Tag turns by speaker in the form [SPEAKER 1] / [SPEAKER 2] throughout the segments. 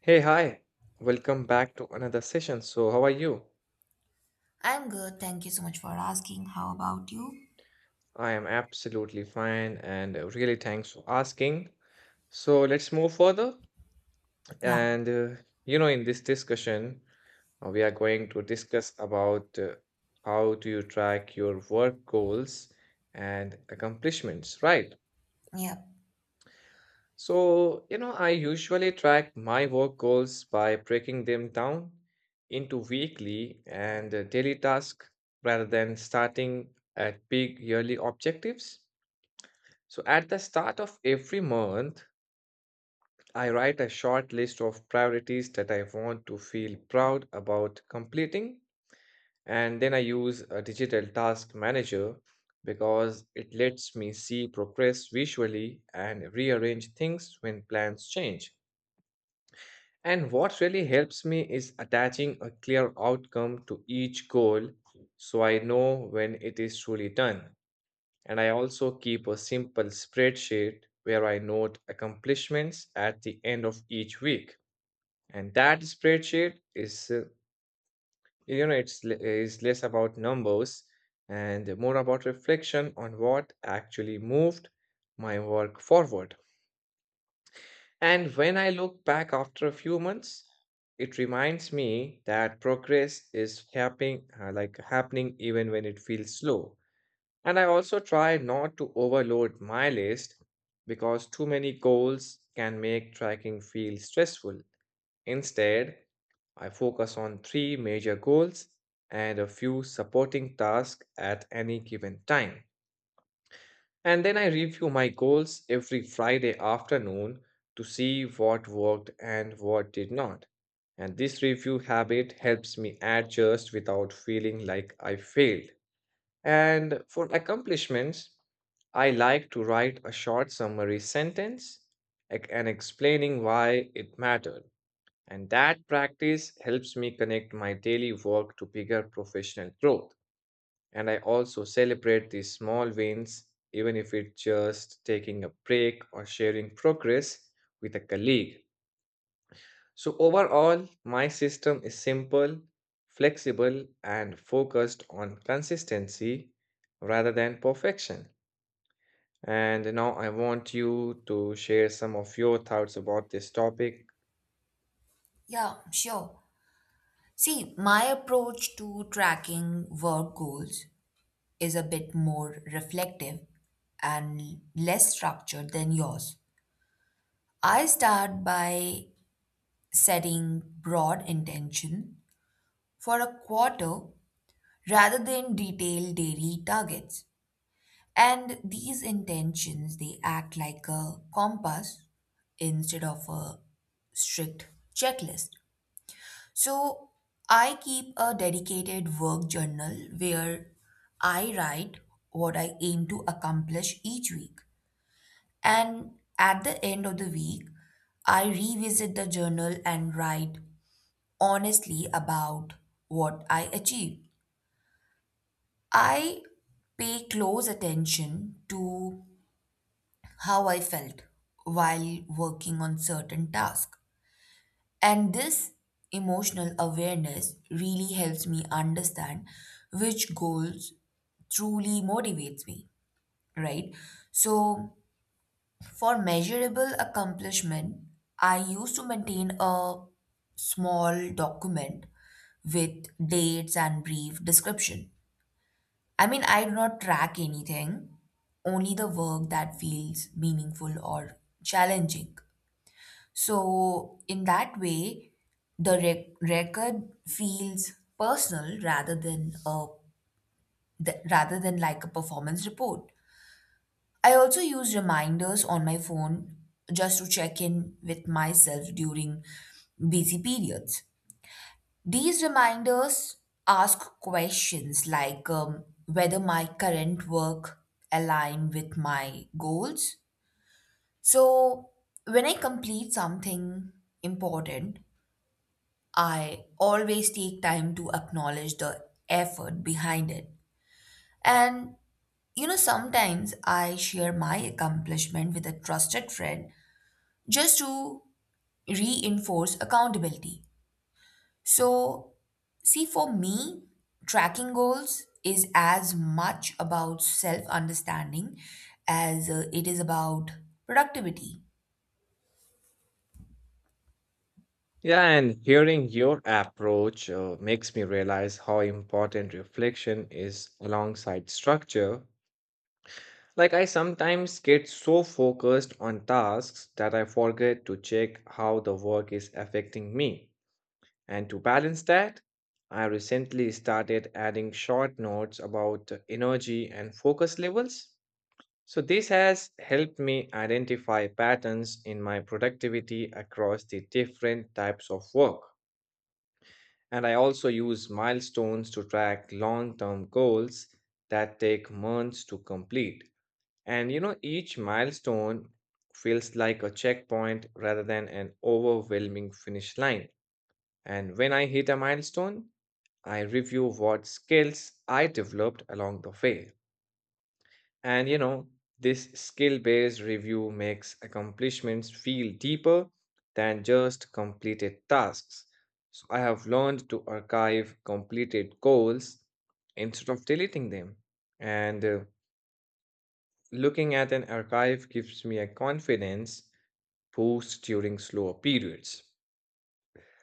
[SPEAKER 1] Hey, hi. Welcome back to another session. So, how are you?
[SPEAKER 2] I'm good. Thank you so much for asking. How about you?
[SPEAKER 1] I am absolutely fine and really thanks for asking. So, let's move further.
[SPEAKER 2] Yeah,
[SPEAKER 1] And, uh, in this discussion, we are going to discuss about how do you track your work goals and accomplishments, right?
[SPEAKER 2] yeah,
[SPEAKER 1] So, you know, I usually track my work goals by breaking them down into weekly and daily tasks rather than starting at big yearly objectives. So, at the start of every month, I write a short list of priorities that I want to feel proud about completing. And then I use a digital task manager because it lets me see progress visually and rearrange things when plans change. And what really helps me is attaching a clear outcome to each goal so I know when it is truly done. And I also keep a simple spreadsheet where I note accomplishments at the end of each week. And that spreadsheet is, is less about numbers and more about reflection on what actually moved my work forward. And when I look back after a few months, it reminds me that progress is happening even when it feels slow. And I also try not to overload my list because too many goals can make tracking feel stressful. Instead, I focus on three major goals and a few supporting tasks at any given time. And then I review my goals every Friday afternoon to see what worked and what did not. And this review habit helps me adjust without feeling like I failed. And for accomplishments, I like to write a short summary sentence, like, and explaining why it mattered. And that practice helps me connect my daily work to bigger professional growth. And I also celebrate these small wins, even if it's just taking a break or sharing progress with a colleague. So, overall, my system is simple, flexible, and focused on consistency rather than perfection. And now I want you to share some of your thoughts about this topic.
[SPEAKER 2] yeah, sure. See, my approach to tracking work goals is a bit more reflective and less structured than yours. I start by setting broad intention for a quarter rather than detailed daily targets. And these intentions, they act like a compass instead of a strict checklist. So I keep a dedicated work journal where I write what I aim to accomplish each week. And at the end of the week, I revisit the journal and write honestly about what I achieved. I pay close attention to how I felt while working on certain tasks. And this emotional awareness really helps me understand which goals truly motivates me, right? So, for measurable accomplishment, I used to maintain a small document with dates and brief description. I mean, I do not track anything, only the work that feels meaningful or challenging. So, in that way, the record feels personal rather than a rather than like a performance report. I also use reminders on my phone just to check in with myself during busy periods. These reminders ask questions like whether my current work align with my goals. So, when I complete something important, I always take time to acknowledge the effort behind it. And you know, sometimes I share my accomplishment with a trusted friend just to reinforce accountability. So, see, for me, tracking goals is as much about self understanding as it is about productivity.
[SPEAKER 1] Yeah, and hearing your approach makes me realize how important reflection is alongside structure. Like, I sometimes get so focused on tasks that I forget to check how the work is affecting me. And to balance that, I recently started adding short notes about energy and focus levels. So, this has helped me identify patterns in my productivity across the different types of work. And I also use milestones to track long term goals that take months to complete. And you know, each milestone feels like a checkpoint rather than an overwhelming finish line. And when I hit a milestone, I review what skills I developed along the way. And you know, this skill based review makes accomplishments feel deeper than just completed tasks. So I have learned to archive completed goals instead of deleting them. And Looking at an archive gives me a confidence boost during slower periods.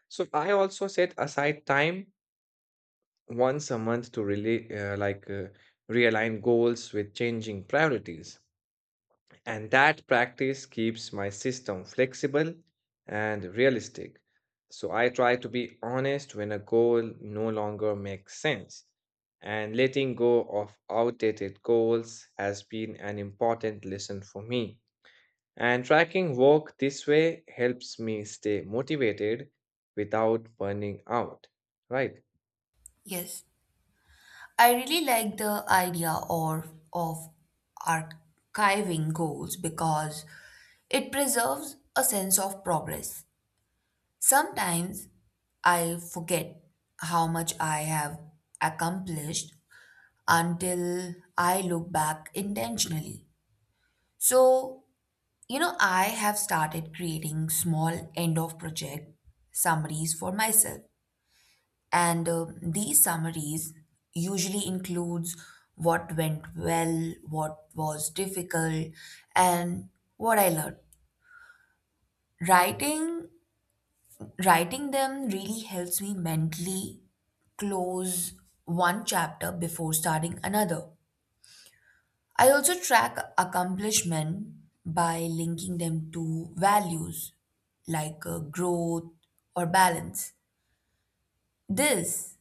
[SPEAKER 1] So I also set aside time once a month to really realign goals with changing priorities. And that practice keeps my system flexible and realistic. So I try to be honest when a goal no longer makes sense. And letting go of outdated goals has been an important lesson for me. And tracking work this way helps me stay motivated without burning out, right?
[SPEAKER 2] Yes. I really like the idea or of archiving goals because it preserves a sense of progress. Sometimes I forget how much I have accomplished until I look back intentionally. So, you know, I have started creating small end of project summaries for myself, and these summaries usually includes what went well, what was difficult, and what I learned. Writing writing them really helps me mentally close one chapter before starting another. I also track accomplishment by linking them to values like growth or balance. This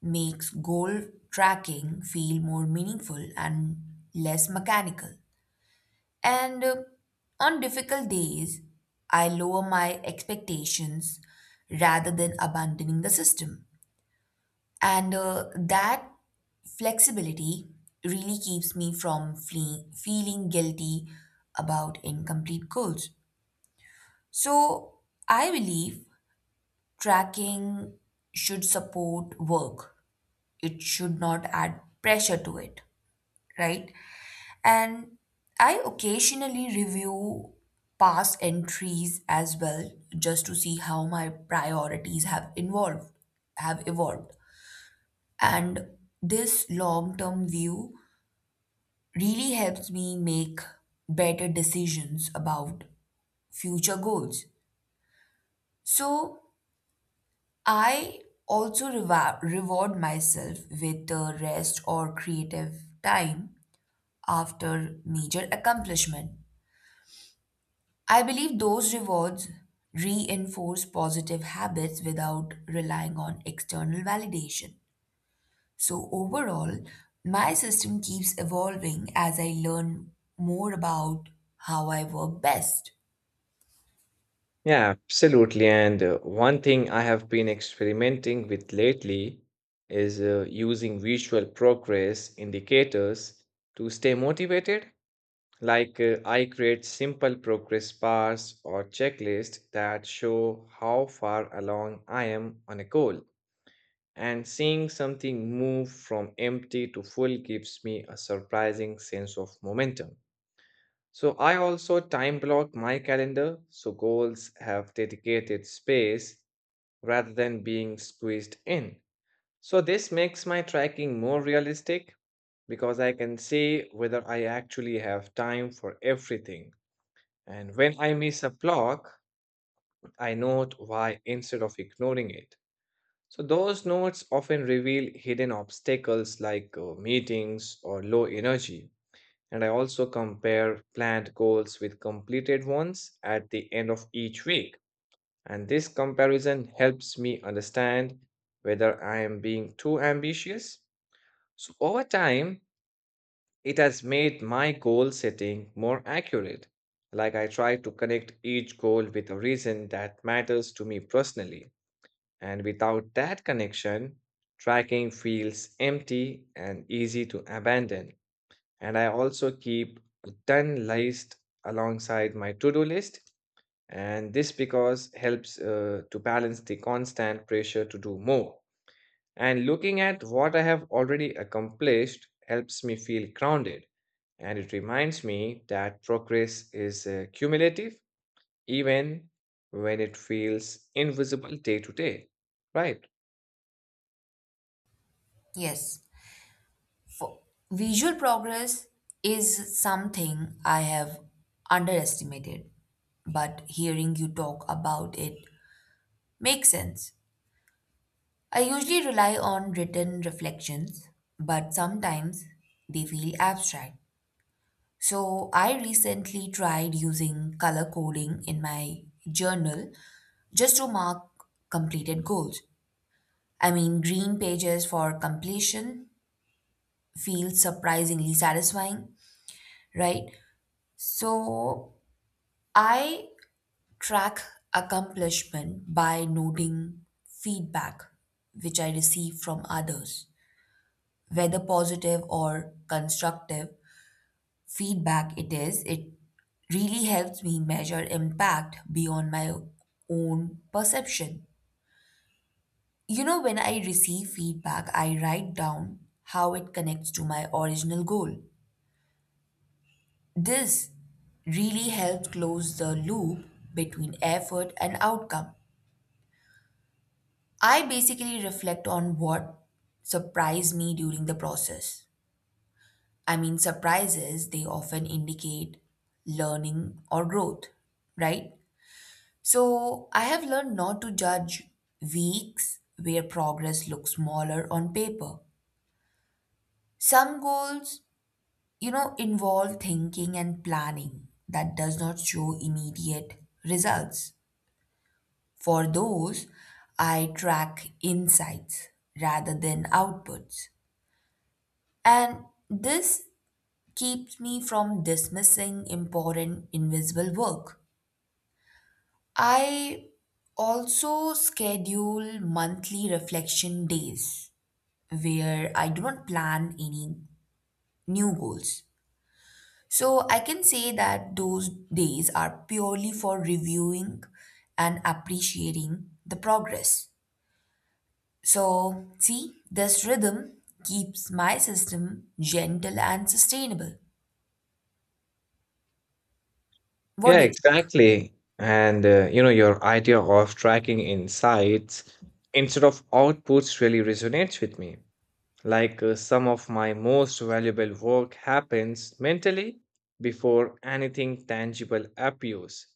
[SPEAKER 2] makes goal tracking feel more meaningful and less mechanical. And on difficult days, I lower my expectations rather than abandoning the system. And that flexibility really keeps me from feeling guilty about incomplete goals. So I believe tracking should support work, it should not add pressure to it, right? And I occasionally review past entries as well just to see how my priorities have involved, have evolved. And this long-term view really helps me make better decisions about future goals. So I also reward myself with rest or creative time after major accomplishment. I believe those rewards reinforce positive habits without relying on external validation. So, overall, my system keeps evolving as I learn more about how I work best.
[SPEAKER 1] Yeah, absolutely. And one thing I have been experimenting with lately is using visual progress indicators to stay motivated. I create simple progress bars or checklists that show how far along I am on a goal. And seeing something move from empty to full gives me a surprising sense of momentum. So I also time block my calendar so goals have dedicated space rather than being squeezed in. So this makes my tracking more realistic because I can see whether I actually have time for everything. And when I miss a block, I note why instead of ignoring it. So, those notes often reveal hidden obstacles like meetings or low energy. And I also compare planned goals with completed ones at the end of each week. And this comparison helps me understand whether I am being too ambitious. So, over time, it has made my goal setting more accurate. Like, I try to connect each goal with a reason that matters to me personally. And without that connection, tracking feels empty and easy to abandon. And I also keep a done list alongside my to do list. And this because helps to balance the constant pressure to do more. And looking at what I have already accomplished helps me feel grounded. And it reminds me that progress is cumulative, even when it feels invisible day to day. Right.
[SPEAKER 2] Yes, for visual progress is something I have underestimated, but hearing you talk about it makes sense. I usually rely on written reflections, but sometimes they feel abstract. So I recently tried using color coding in my journal just to mark completed goals. I mean, green pages for completion feels surprisingly satisfying, right? So I track accomplishment by noting feedback which I receive from others, whether positive or constructive feedback it is, it really helps me measure impact beyond my own perception. You know, when I receive feedback, I write down how it connects to my original goal. This really helps close the loop between effort and outcome. I basically reflect on what surprised me during the process. I mean, surprises, they often indicate learning or growth, right? So I have learned not to judge weeks where progress looks smaller on paper. Some goals, you know, involve thinking and planning that does not show immediate results. For those, I track insights rather than outputs. And this keeps me from dismissing important invisible work. I also schedule monthly reflection days where I do not plan any new goals. So I can say that those days are purely for reviewing and appreciating the progress. So, see, this rhythm keeps my system gentle and sustainable. What
[SPEAKER 1] Yeah,
[SPEAKER 2] do you
[SPEAKER 1] exactly. And your idea of tracking insights instead of outputs really resonates with me. Some of my most valuable work happens mentally before anything tangible appears.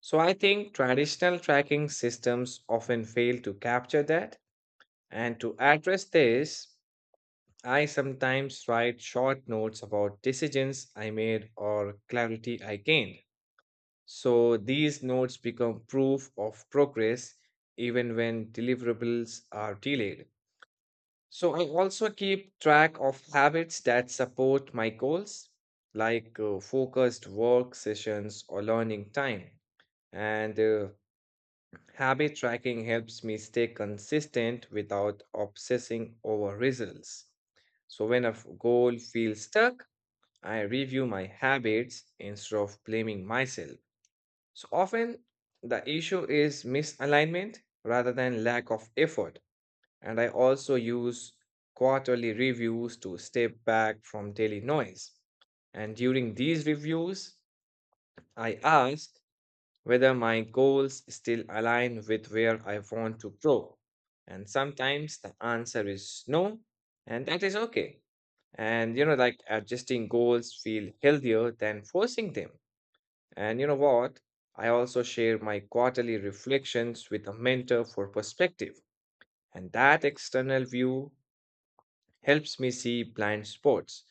[SPEAKER 1] So I think traditional tracking systems often fail to capture that. And to address this, I sometimes write short notes about decisions I made or clarity I gained, so these notes become proof of progress even when deliverables are delayed. So I also keep track of habits that support my goals, like focused work sessions or learning time. And Habit tracking helps me stay consistent without obsessing over results. So when goal feels stuck, I review my habits instead of blaming myself. So often the issue is misalignment rather than lack of effort. And I also use quarterly reviews to step back from daily noise. And during these reviews, I ask whether my goals still align with where I want to grow. And sometimes the answer is no, and that is okay. And you know, like adjusting goals feel healthier than forcing them. And you know what? I also share my quarterly reflections with a mentor for perspective, and that external view helps me see blind spots.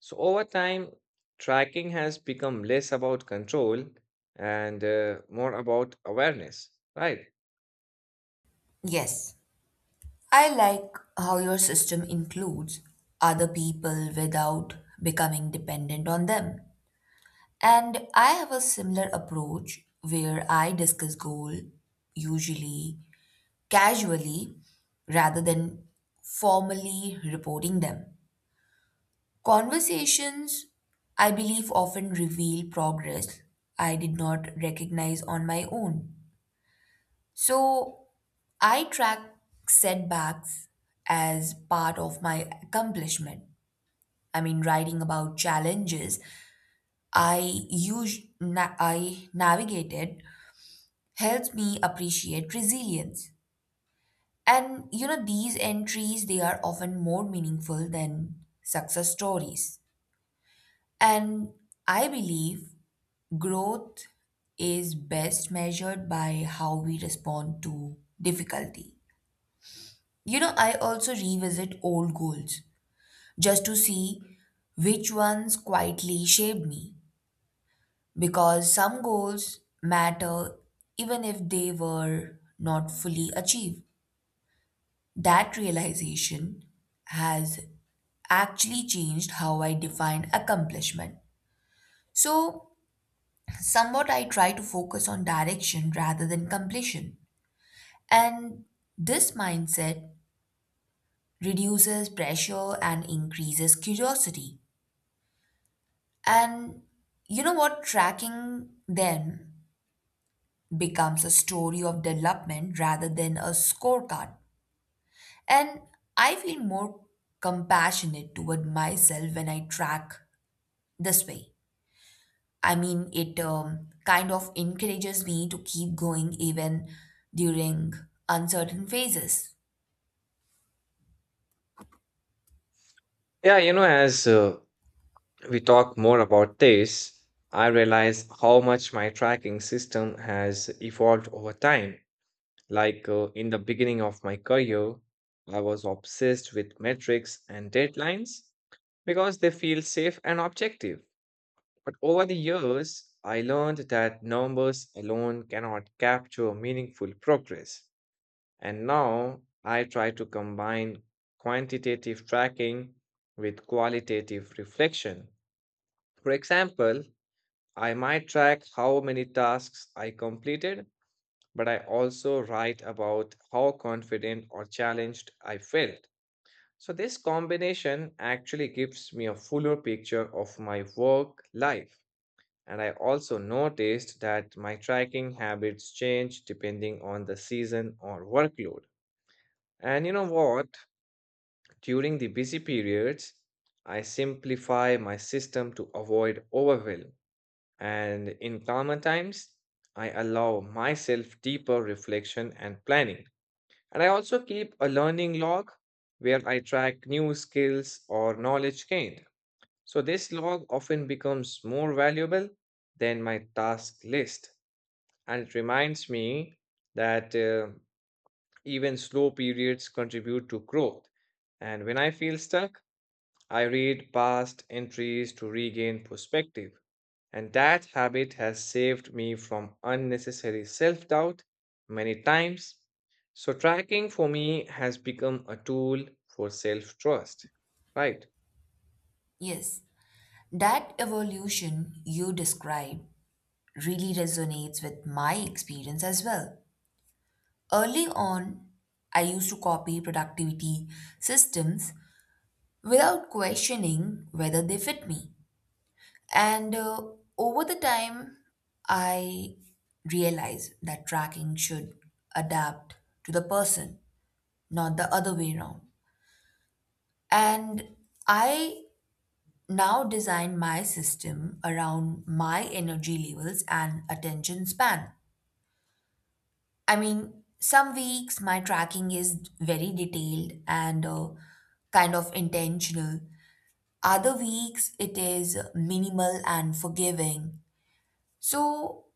[SPEAKER 1] So, over time, tracking has become less about control and more about awareness, right?
[SPEAKER 2] think? Yes. I like how your system includes other people without becoming dependent on them. And I have a similar approach where I discuss goal usually casually rather than formally reporting them. Conversations I believe often reveal progress I did not recognize on my own. So I track setbacks as part of my accomplishment. I mean, writing about challenges I I navigated helps me appreciate resilience. And you know, these entries they are often more meaningful than success stories. And I believe growth is best measured by how we respond to difficulty. You know, I also revisit old goals just to see which ones quietly shaped me. Because some goals matter even if they were not fully achieved. That realization has actually changed how I define accomplishment. So, somewhat I try to focus on direction rather than completion. And this mindset reduces pressure and increases curiosity. And you know what? Tracking them becomes a story of development rather than a scorecard. And I feel more compassionate toward myself when I track this way. I mean, it kind of encourages me to keep going even during uncertain phases.
[SPEAKER 1] Yeah, you know, as we talk more about this, I realize how much my tracking system has evolved over time. In the beginning of my career, I was obsessed with metrics and deadlines because they feel safe and objective. But over the years, I learned that numbers alone cannot capture meaningful progress. And now I try to combine quantitative tracking with qualitative reflection. For example, I might track how many tasks I completed, but I also write about how confident or challenged I felt. So, this combination actually gives me a fuller picture of my work life. And I also noticed that my tracking habits change depending on the season or workload. And you know what? During the busy periods, I simplify my system to avoid overwhelm. And in calmer times, I allow myself deeper reflection and planning. And I also keep a learning log where I track new skills or knowledge gained. So this log often becomes more valuable than my task list. And it reminds me that even slow periods contribute to growth. And when I feel stuck, I read past entries to regain perspective. And that habit has saved me from unnecessary self doubt many times. So, tracking for me has become a tool for self trust, right?
[SPEAKER 2] Yes, that evolution you describe really resonates with my experience as well. Early on, I used to copy productivity systems without questioning whether they fit me. And over the time, I realized that tracking should adapt to the person, not the other way around. And I now design my system around my energy levels and attention span. I mean, some weeks my tracking is very detailed and kind of intentional. Other weeks it is minimal and forgiving. So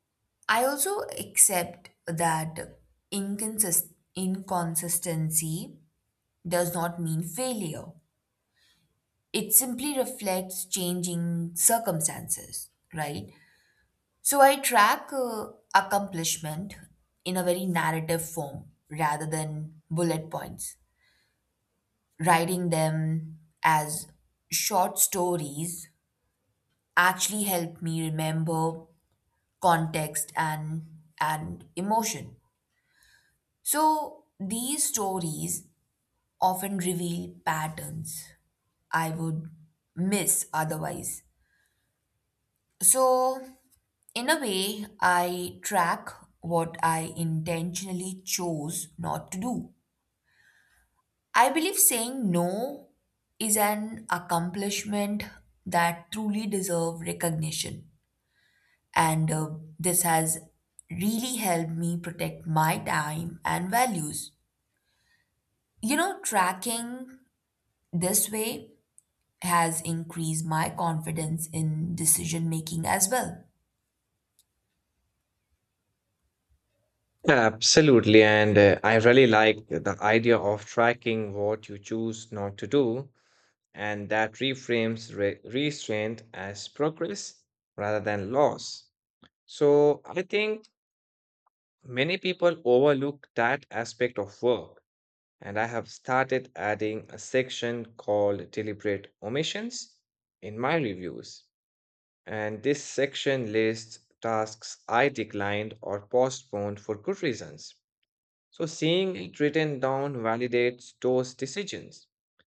[SPEAKER 2] I also accept that inconsistency does not mean failure. It simply reflects changing circumstances, right? So I track accomplishment in a very narrative form rather than bullet points. Writing them as short stories actually help me remember context and emotion. So these stories often reveal patterns I would miss otherwise. So in a way I track what I intentionally chose not to do. I believe saying no is an accomplishment that truly deserves recognition. And this has really helped me protect my time and values. You know, tracking this way has increased my confidence in decision making as well.
[SPEAKER 1] Absolutely. And I really like the idea of tracking what you choose not to do, and that reframes restraint as progress rather than loss. So, I think many people overlook that aspect of work and I have started adding a section called Deliberate Omissions in my reviews. And this section lists tasks I declined or postponed for good reasons. So seeing it written down validates those decisions.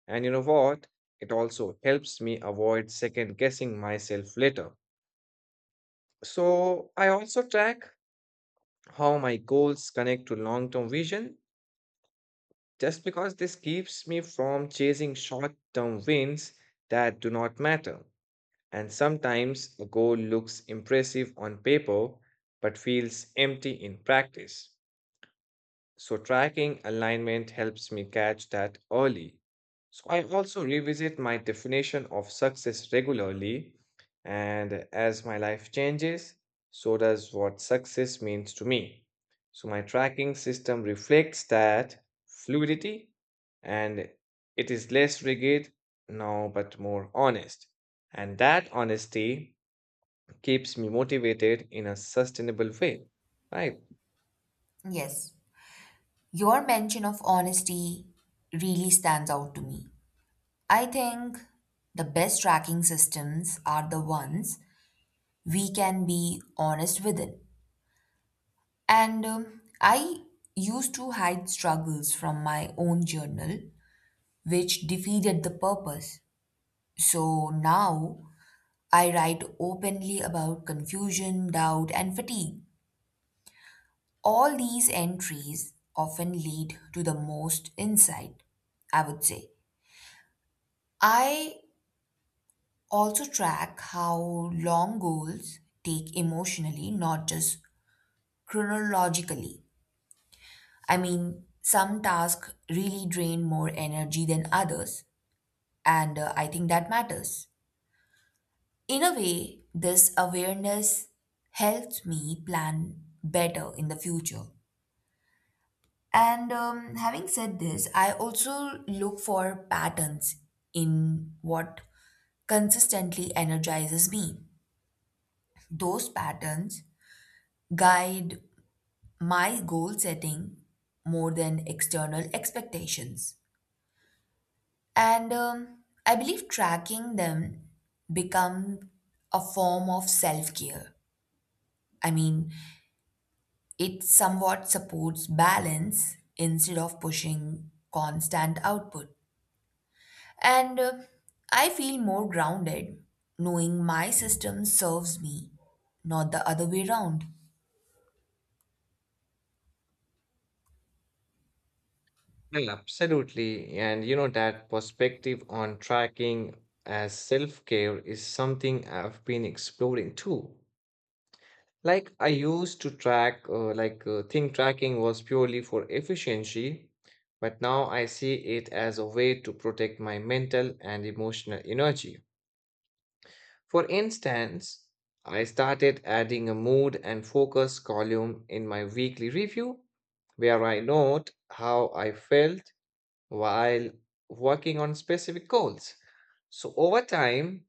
[SPEAKER 1] And you know what? It also helps me avoid second guessing myself later. So I also track how my goals connect to long term vision just because this keeps me from chasing short term wins that do not matter. And sometimes a goal looks impressive on paper but feels empty in practice. So tracking alignment helps me catch that early. So I also revisit my definition of success regularly, and as my life changes, so does what success means to me. So my tracking system reflects that fluidity and it is less rigid now but more honest. And that honesty keeps me motivated in a sustainable way, right?
[SPEAKER 2] Yes, your mention of honesty really stands out to me. I think the best tracking systems are the ones we can be honest within. And I used to hide struggles from my own journal, which defeated the purpose. So now I write openly about confusion, doubt, and fatigue. All these entries often lead to the most insight, I would say. I also track how long goals take emotionally, not just chronologically. I mean, some tasks really drain more energy than others, and I think that matters. In a way, this awareness helps me plan better in the future. And having said this, I also look for patterns in what consistently energizes me. Those patterns guide my goal setting more than external expectations. And I believe tracking them become a form of self-care. I mean, it somewhat supports balance instead of pushing constant output. And I feel more grounded knowing my system serves me, not the other way around.
[SPEAKER 1] Yeah, absolutely. And you know, that perspective on tracking as self-care is something I've been exploring too. Like I used to track, like think tracking was purely for efficiency, but now I see it as a way to protect my mental and emotional energy. For instance, I started adding a mood and focus column in my weekly review where I note how I felt while working on specific goals. So, over time,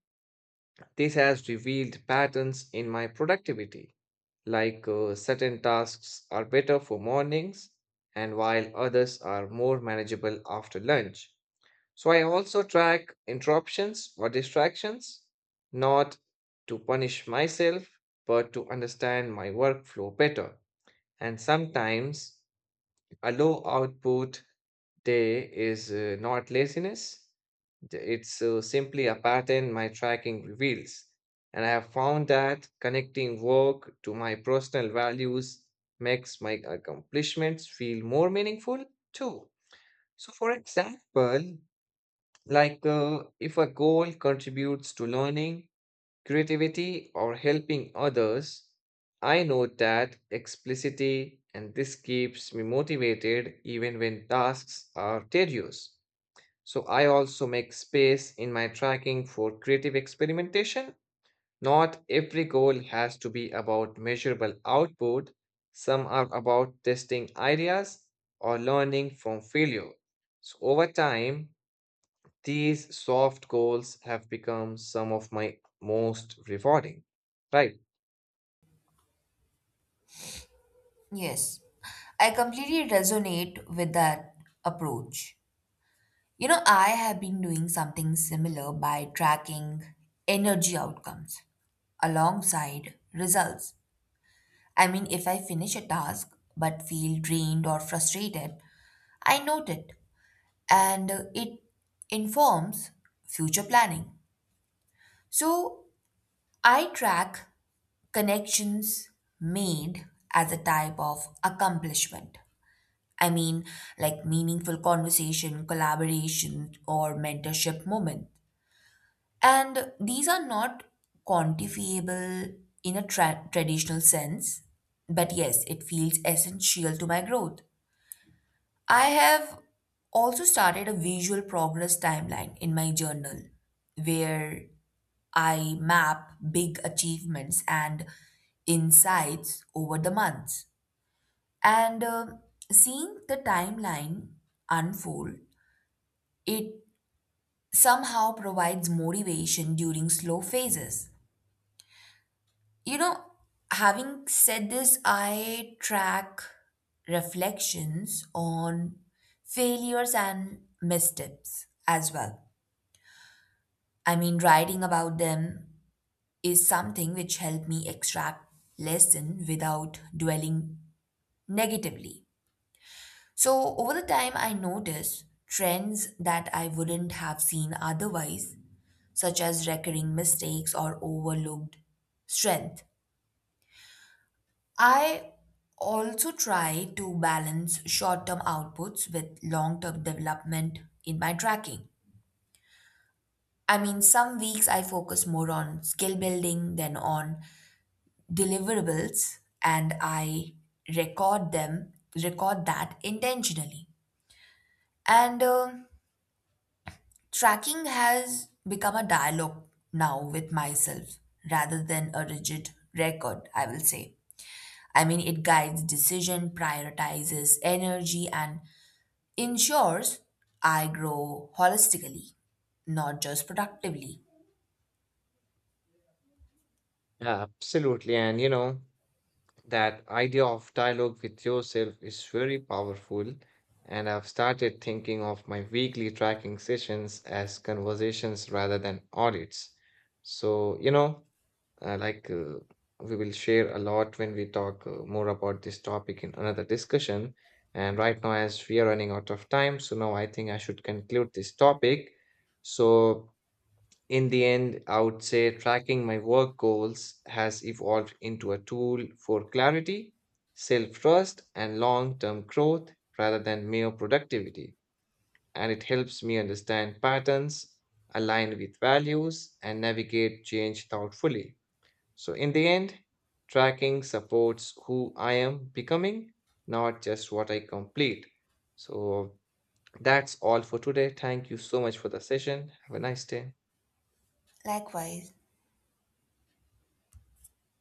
[SPEAKER 1] this has revealed patterns in my productivity, like certain tasks are better for mornings and while others are more manageable after lunch. So, I also track interruptions or distractions, not to punish myself, but to understand my workflow better. And sometimes a low output day is not laziness. It's simply a pattern my tracking reveals. And I have found that connecting work to my personal values makes my accomplishments feel more meaningful too. So, for example, like if a goal contributes to learning, creativity, or helping others, I know that explicitly, and this keeps me motivated even when tasks are tedious. So I also make space in my tracking for creative experimentation. Not every goal has to be about measurable output, some are about testing ideas or learning from failure. So over time, these soft goals have become some of my most rewarding. Right.
[SPEAKER 2] Yes, I completely resonate with that approach. You know, I have been doing something similar by tracking energy outcomes alongside results. I mean, if I finish a task but feel drained or frustrated, I note it and it informs future planning. So I track connections made as a type of accomplishment. I mean, like meaningful conversation, collaboration, or mentorship moment. And these are not quantifiable in a traditional sense, but yes, it feels essential to my growth. I have also started a visual progress timeline in my journal where I map big achievements and insights over the months. And seeing the timeline unfold, it somehow provides motivation during slow phases. You know, having said this, I track reflections on failures and missteps as well. I mean, writing about them is something which helped me extract lesson without dwelling negatively. So over the time I noticed trends that I wouldn't have seen otherwise, such as recurring mistakes or overlooked strength. I also try to balance short term outputs with long term development in my tracking. I mean, some weeks I focus more on skill building than on deliverables and I record them, record that intentionally. And tracking has become a dialogue now with myself rather than a rigid record, I will say. I mean, it guides decision, prioritizes energy, and ensures I grow holistically, not just productively.
[SPEAKER 1] Yeah, absolutely. And you know, that idea of dialogue with yourself is very powerful, and I've started thinking of my weekly tracking sessions as conversations rather than audits. So, you know, uh, like uh, we will share a lot when we talk more about this topic in another discussion. And right now, as we are running out of time, so now I think I should conclude this topic. So, in the end, I would say tracking my work goals has evolved into a tool for clarity, self trust, and long term growth rather than mere productivity. And it helps me understand patterns, align with values, and navigate change thoughtfully. So, in the end, tracking supports who I am becoming, not just what I complete. So, that's all for today. Thank you so much for the session. Have a nice day.
[SPEAKER 2] Likewise,